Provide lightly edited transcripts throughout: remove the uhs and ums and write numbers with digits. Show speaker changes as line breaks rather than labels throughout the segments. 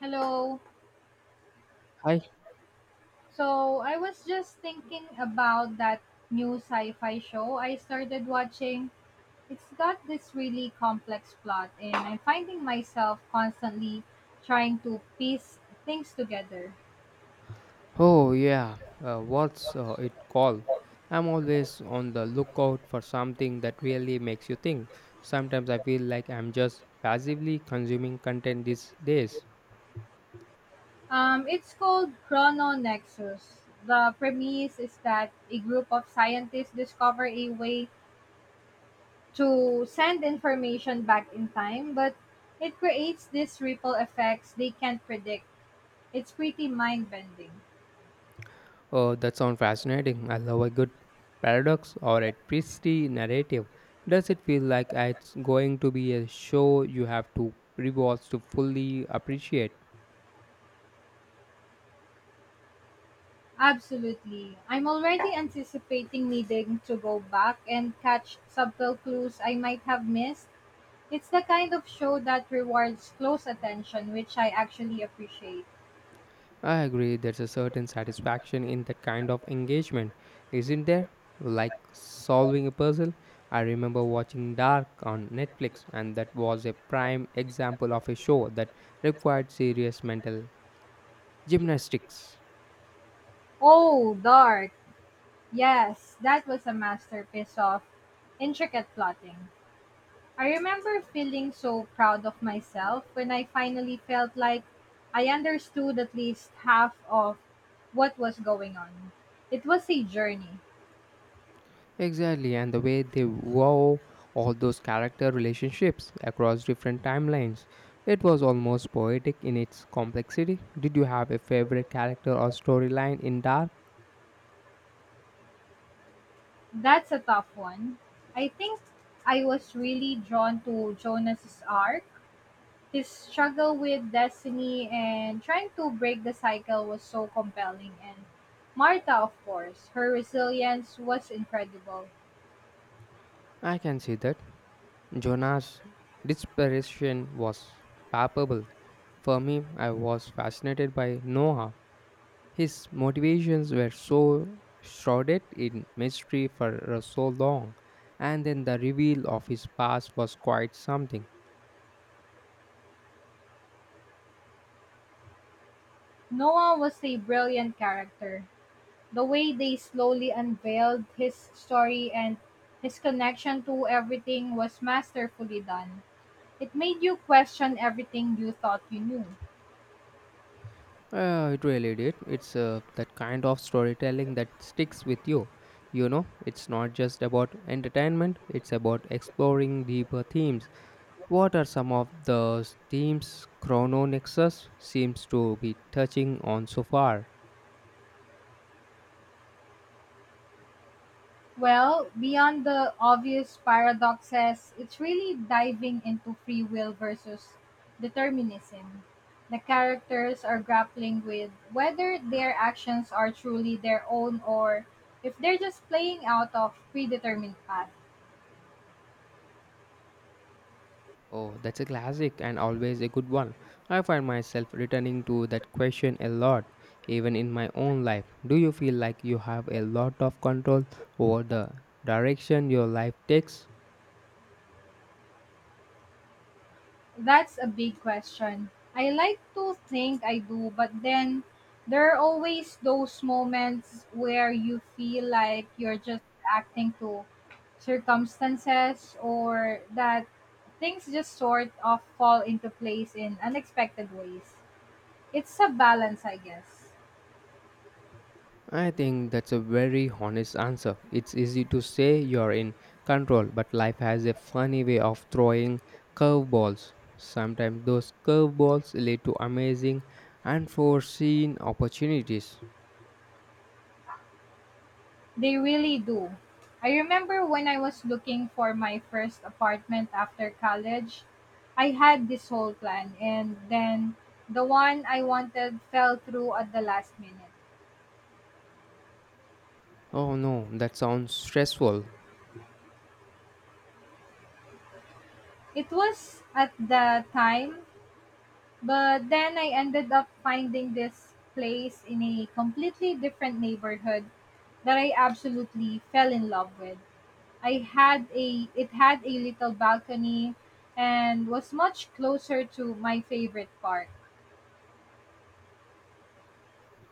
Hello.
Hi.
So I was just thinking about that new sci-fi show I started watching. It's got this really complex plot, and I'm finding myself constantly trying to piece things together.
Oh, yeah. What's it called? I'm always on the lookout for something that really makes you think. Sometimes I feel like I'm just passively consuming content these days.
It's called Chrono Nexus. The premise is that a group of scientists discover a way to send information back in time, but it creates these ripple effects they can't predict. It's pretty mind-bending.
Oh, that sounds fascinating. I love a good paradox or a twisty narrative. Does it feel like it's going to be a show you have to rewatch to fully appreciate?
Absolutely. I'm already anticipating needing to go back and catch subtle clues I might have missed. It's the kind of show that rewards close attention, which I actually appreciate.
I agree, there's a certain satisfaction in that kind of engagement, isn't there? Like solving a puzzle. I remember watching Dark on Netflix, and that was a prime example of a show that required serious mental gymnastics.
Oh, Dark. Yes, that was a masterpiece of intricate plotting. I remember feeling so proud of myself when I finally felt like I understood at least half of what was going on. It was a journey.
Exactly, and the way they wove all those character relationships across different timelines. It was almost poetic in its complexity. Did you have a favorite character or storyline in Dark?
That's a tough one. I think I was really drawn to Jonas's arc. His struggle with destiny and trying to break the cycle was so compelling, and Martha, of course, her resilience was incredible.
I can see that. Jonah's desperation was palpable. For me, I was fascinated by Noah. His motivations were so shrouded in mystery for so long, and then the reveal of his past was quite something.
Noah was a brilliant character. The way they slowly unveiled his story and his connection to everything was masterfully done. It made you question everything you thought you knew.
It really did. It's that kind of storytelling that sticks with you. You know, it's not just about entertainment, it's about exploring deeper themes. What are some of the teams Chrono Nexus seems to be touching on so far?
Well, beyond the obvious paradoxes, it's really diving into free will versus determinism. The characters are grappling with whether their actions are truly their own or if they're just playing out of predetermined paths.
Oh, that's a classic and always a good one. I find myself returning to that question a lot, even in my own life. Do you feel like you have a lot of control over the direction your life takes?
That's a big question. I like to think I do, but then there are always those moments where you feel like you're just acting to circumstances, or that things just sort of fall into place in unexpected ways. It's a balance, I guess.
I think that's a very honest answer. It's easy to say you're in control, but life has a funny way of throwing curveballs. Sometimes those curveballs lead to amazing, unforeseen opportunities.
They really do. I remember when I was looking for my first apartment after college, I had this whole plan, and then the one I wanted fell through at the last minute.
Oh no, that sounds stressful.
It was at the time, but then I ended up finding this place in a completely different neighborhood that I absolutely fell in love with. I had a It had a little balcony and was much closer to my favorite park.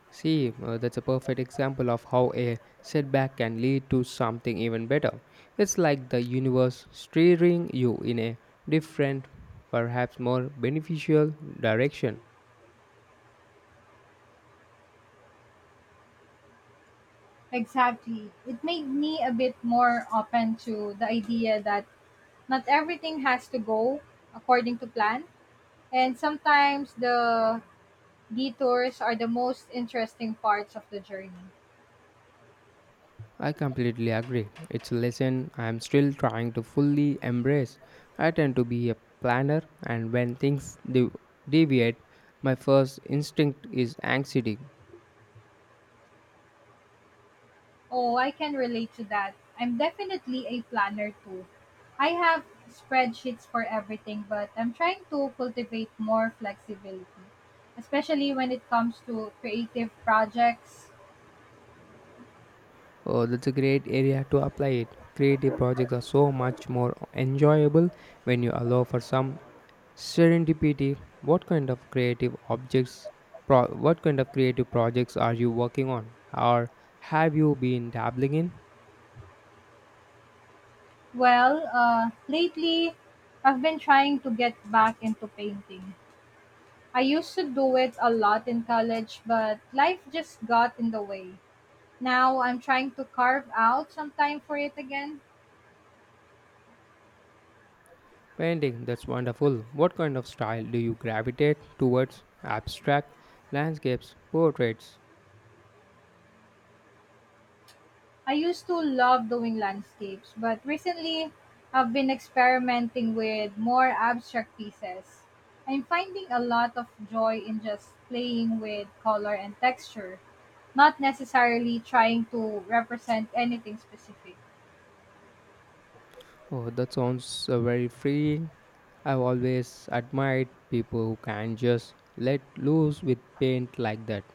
See, that's a perfect example of how a setback can lead to something even better. It's like the universe steering you in a different, perhaps more beneficial direction.
Exactly. It made me a bit more open to the idea that not everything has to go according to plan, and sometimes the detours are the most interesting parts of the journey.
I completely agree. It's a lesson I am still trying to fully embrace. I tend to be a planner, and when things deviate, my first instinct is anxiety.
Oh, I can relate to that. I'm definitely a planner too. I have spreadsheets for everything, but I'm trying to cultivate more flexibility, especially when it comes to creative projects.
Oh, that's a great area to apply it. Creative projects are so much more enjoyable when you allow for some serendipity. What kind of creative projects are you working on, or have you been dabbling in?
Well, lately I've been trying to get back into painting. I used to do it a lot in college, but life just got in the way. Now I'm trying to carve out some time for it again.
Painting, that's wonderful. What kind of style do you gravitate towards? Abstract, landscapes, portraits.
I used to love doing landscapes, but recently I've been experimenting with more abstract pieces. I'm finding a lot of joy in just playing with color and texture, not necessarily trying to represent anything specific.
Oh, that sounds very freeing. I've always admired people who can just let loose with paint like that.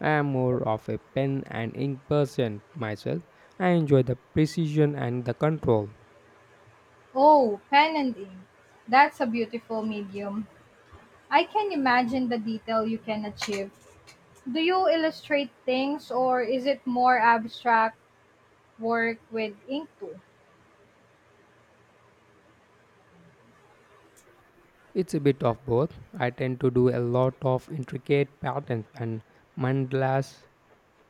I am more of a pen and ink person myself. I enjoy the precision and the control.
Oh, pen and ink. That's a beautiful medium. I can imagine the detail you can achieve. Do you illustrate things, or is it more abstract work with ink too?
It's a bit of both. I tend to do a lot of intricate patterns and mandalas.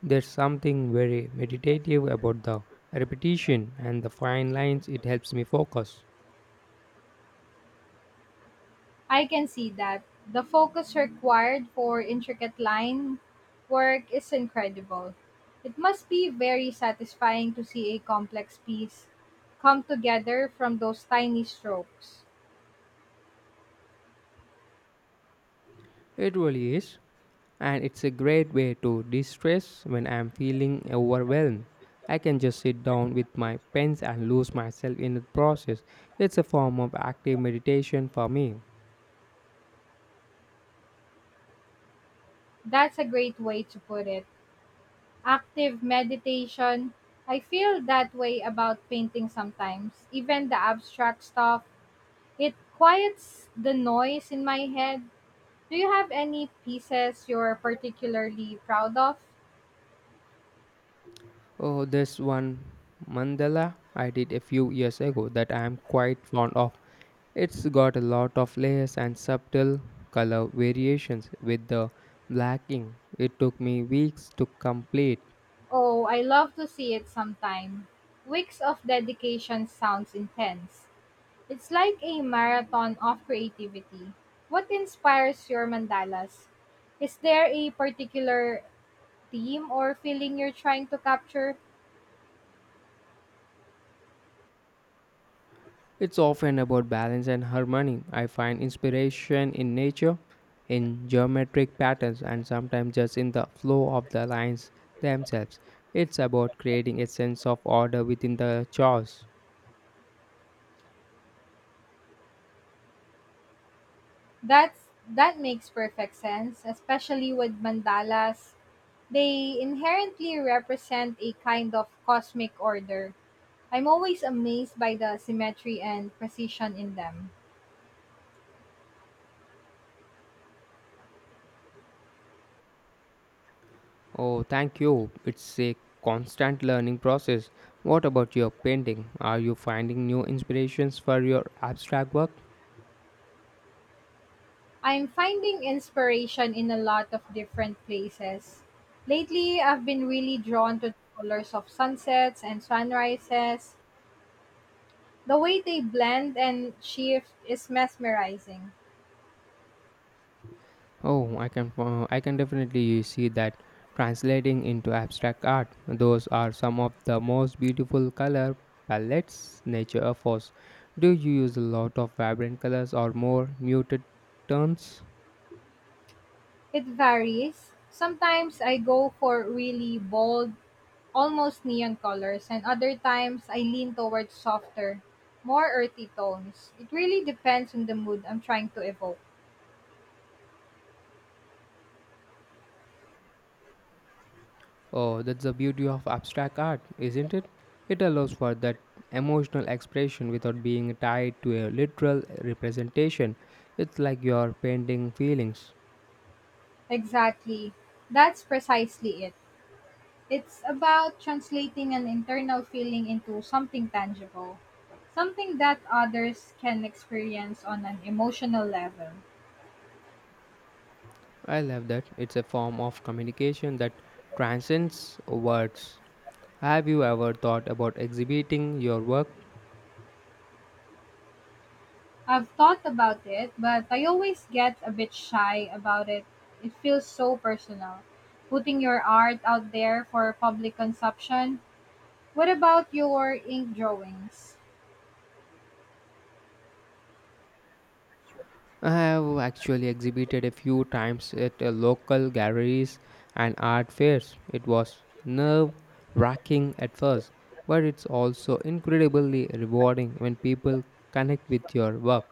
There's something very meditative about the repetition and the fine lines, it helps me focus.
I can see that. The focus required for intricate line work is incredible. It must be very satisfying to see a complex piece come together from those tiny strokes.
It really is, and it's a great way to de stress when I'm feeling overwhelmed. I can just sit down with my pens and lose myself in the process. It's a form of active meditation for me.
That's a great way to put it. Active meditation. I feel that way about painting sometimes. Even the abstract stuff, it quiets the noise in my head. Do you have any pieces you're particularly proud of?
Oh, this one mandala I did a few years ago that I am quite fond of. It's got a lot of layers and subtle color variations with the black ink. It took me weeks to complete.
Oh, I love to see it sometime. Weeks of dedication sounds intense. It's like a marathon of creativity. What inspires your mandalas? Is there a particular theme or feeling you're trying to capture?
It's often about balance and harmony. I find inspiration in nature, in geometric patterns, and sometimes just in the flow of the lines themselves. It's about creating a sense of order within the chaos.
That makes perfect sense, especially with mandalas. They inherently represent a kind of cosmic order. I'm always amazed by the symmetry and precision in them.
Oh, thank you. It's a constant learning process. What about your painting? Are you finding new inspirations for your abstract work?
I'm finding inspiration in a lot of different places. Lately, I've been really drawn to the colors of sunsets and sunrises. The way they blend and shift is mesmerizing.
Oh, I can definitely see that translating into abstract art. Those are some of the most beautiful color palettes nature offers. Do you use a lot of vibrant colors or more muted tones?
It varies. Sometimes I go for really bold, almost neon colors, and other times I lean towards softer, more earthy tones. It really depends on the mood I'm trying to evoke.
Oh, that's the beauty of abstract art, isn't it? It allows for that emotional expression without being tied to a literal representation. It's like you're painting feelings.
Exactly. That's precisely it. It's about translating an internal feeling into something tangible, something that others can experience on an emotional level.
I love that. It's a form of communication that transcends words. Have you ever thought about exhibiting your work?
I've thought about it, but I always get a bit shy about it. It feels so personal. Putting your art out there for public consumption. What about your ink drawings?
I have actually exhibited a few times at local galleries and art fairs. It was nerve wracking at first, but it's also incredibly rewarding when people connect with your work.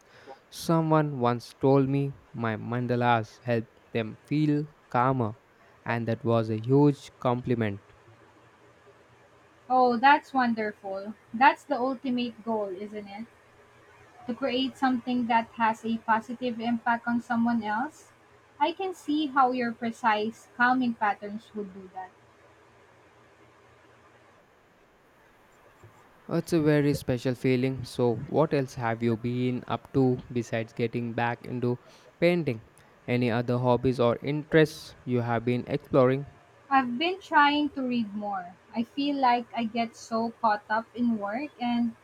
Someone once told me my mandalas helped them feel calmer, and that was a huge compliment.
Oh, that's wonderful. That's the ultimate goal, isn't it? To create something that has a positive impact on someone else. I can see how your precise calming patterns would do that.
It's a very special feeling. So, what else have you been up to besides getting back into painting? Any other hobbies or interests you have been exploring?
I've been trying to read more. I feel like I get so caught up in work and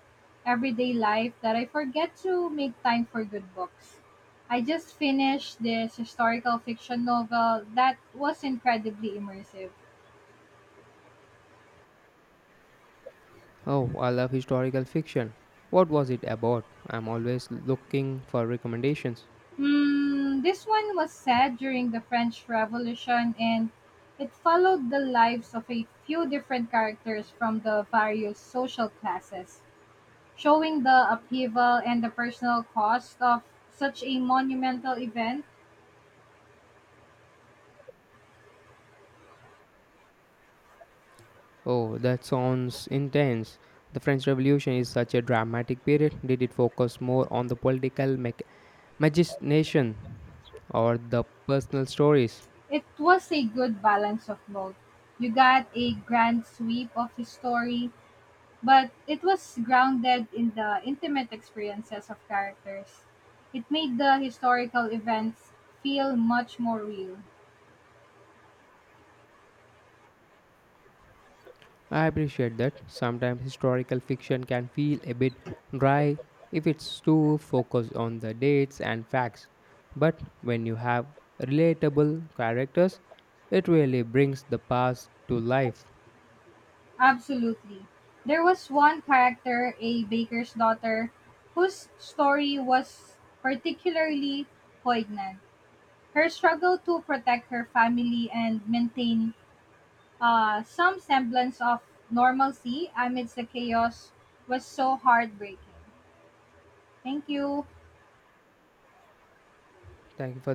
everyday life that I forget to make time for good books. I just finished this historical fiction novel that was incredibly immersive.
Oh, I love historical fiction. What was it about? I'm always looking for recommendations.
Hmm, this one was set during the French Revolution, and it followed the lives of a few different characters from the various social classes, showing the upheaval and the personal cost of such a monumental event.
Oh, that sounds intense. The French Revolution is such a dramatic period. Did it focus more on the political machination or the personal stories?
It was a good balance of both. You got a grand sweep of the story, but it was grounded in the intimate experiences of characters. It made the historical events feel much more real.
I appreciate that. Sometimes historical fiction can feel a bit dry if it's too focused on the dates and facts. But when you have relatable characters, it really brings the past to life.
Absolutely. There was one character, a baker's daughter, whose story was particularly poignant. Her struggle to protect her family and maintain some semblance of normalcy amidst the chaos was so heartbreaking. Thank you.
Thank you for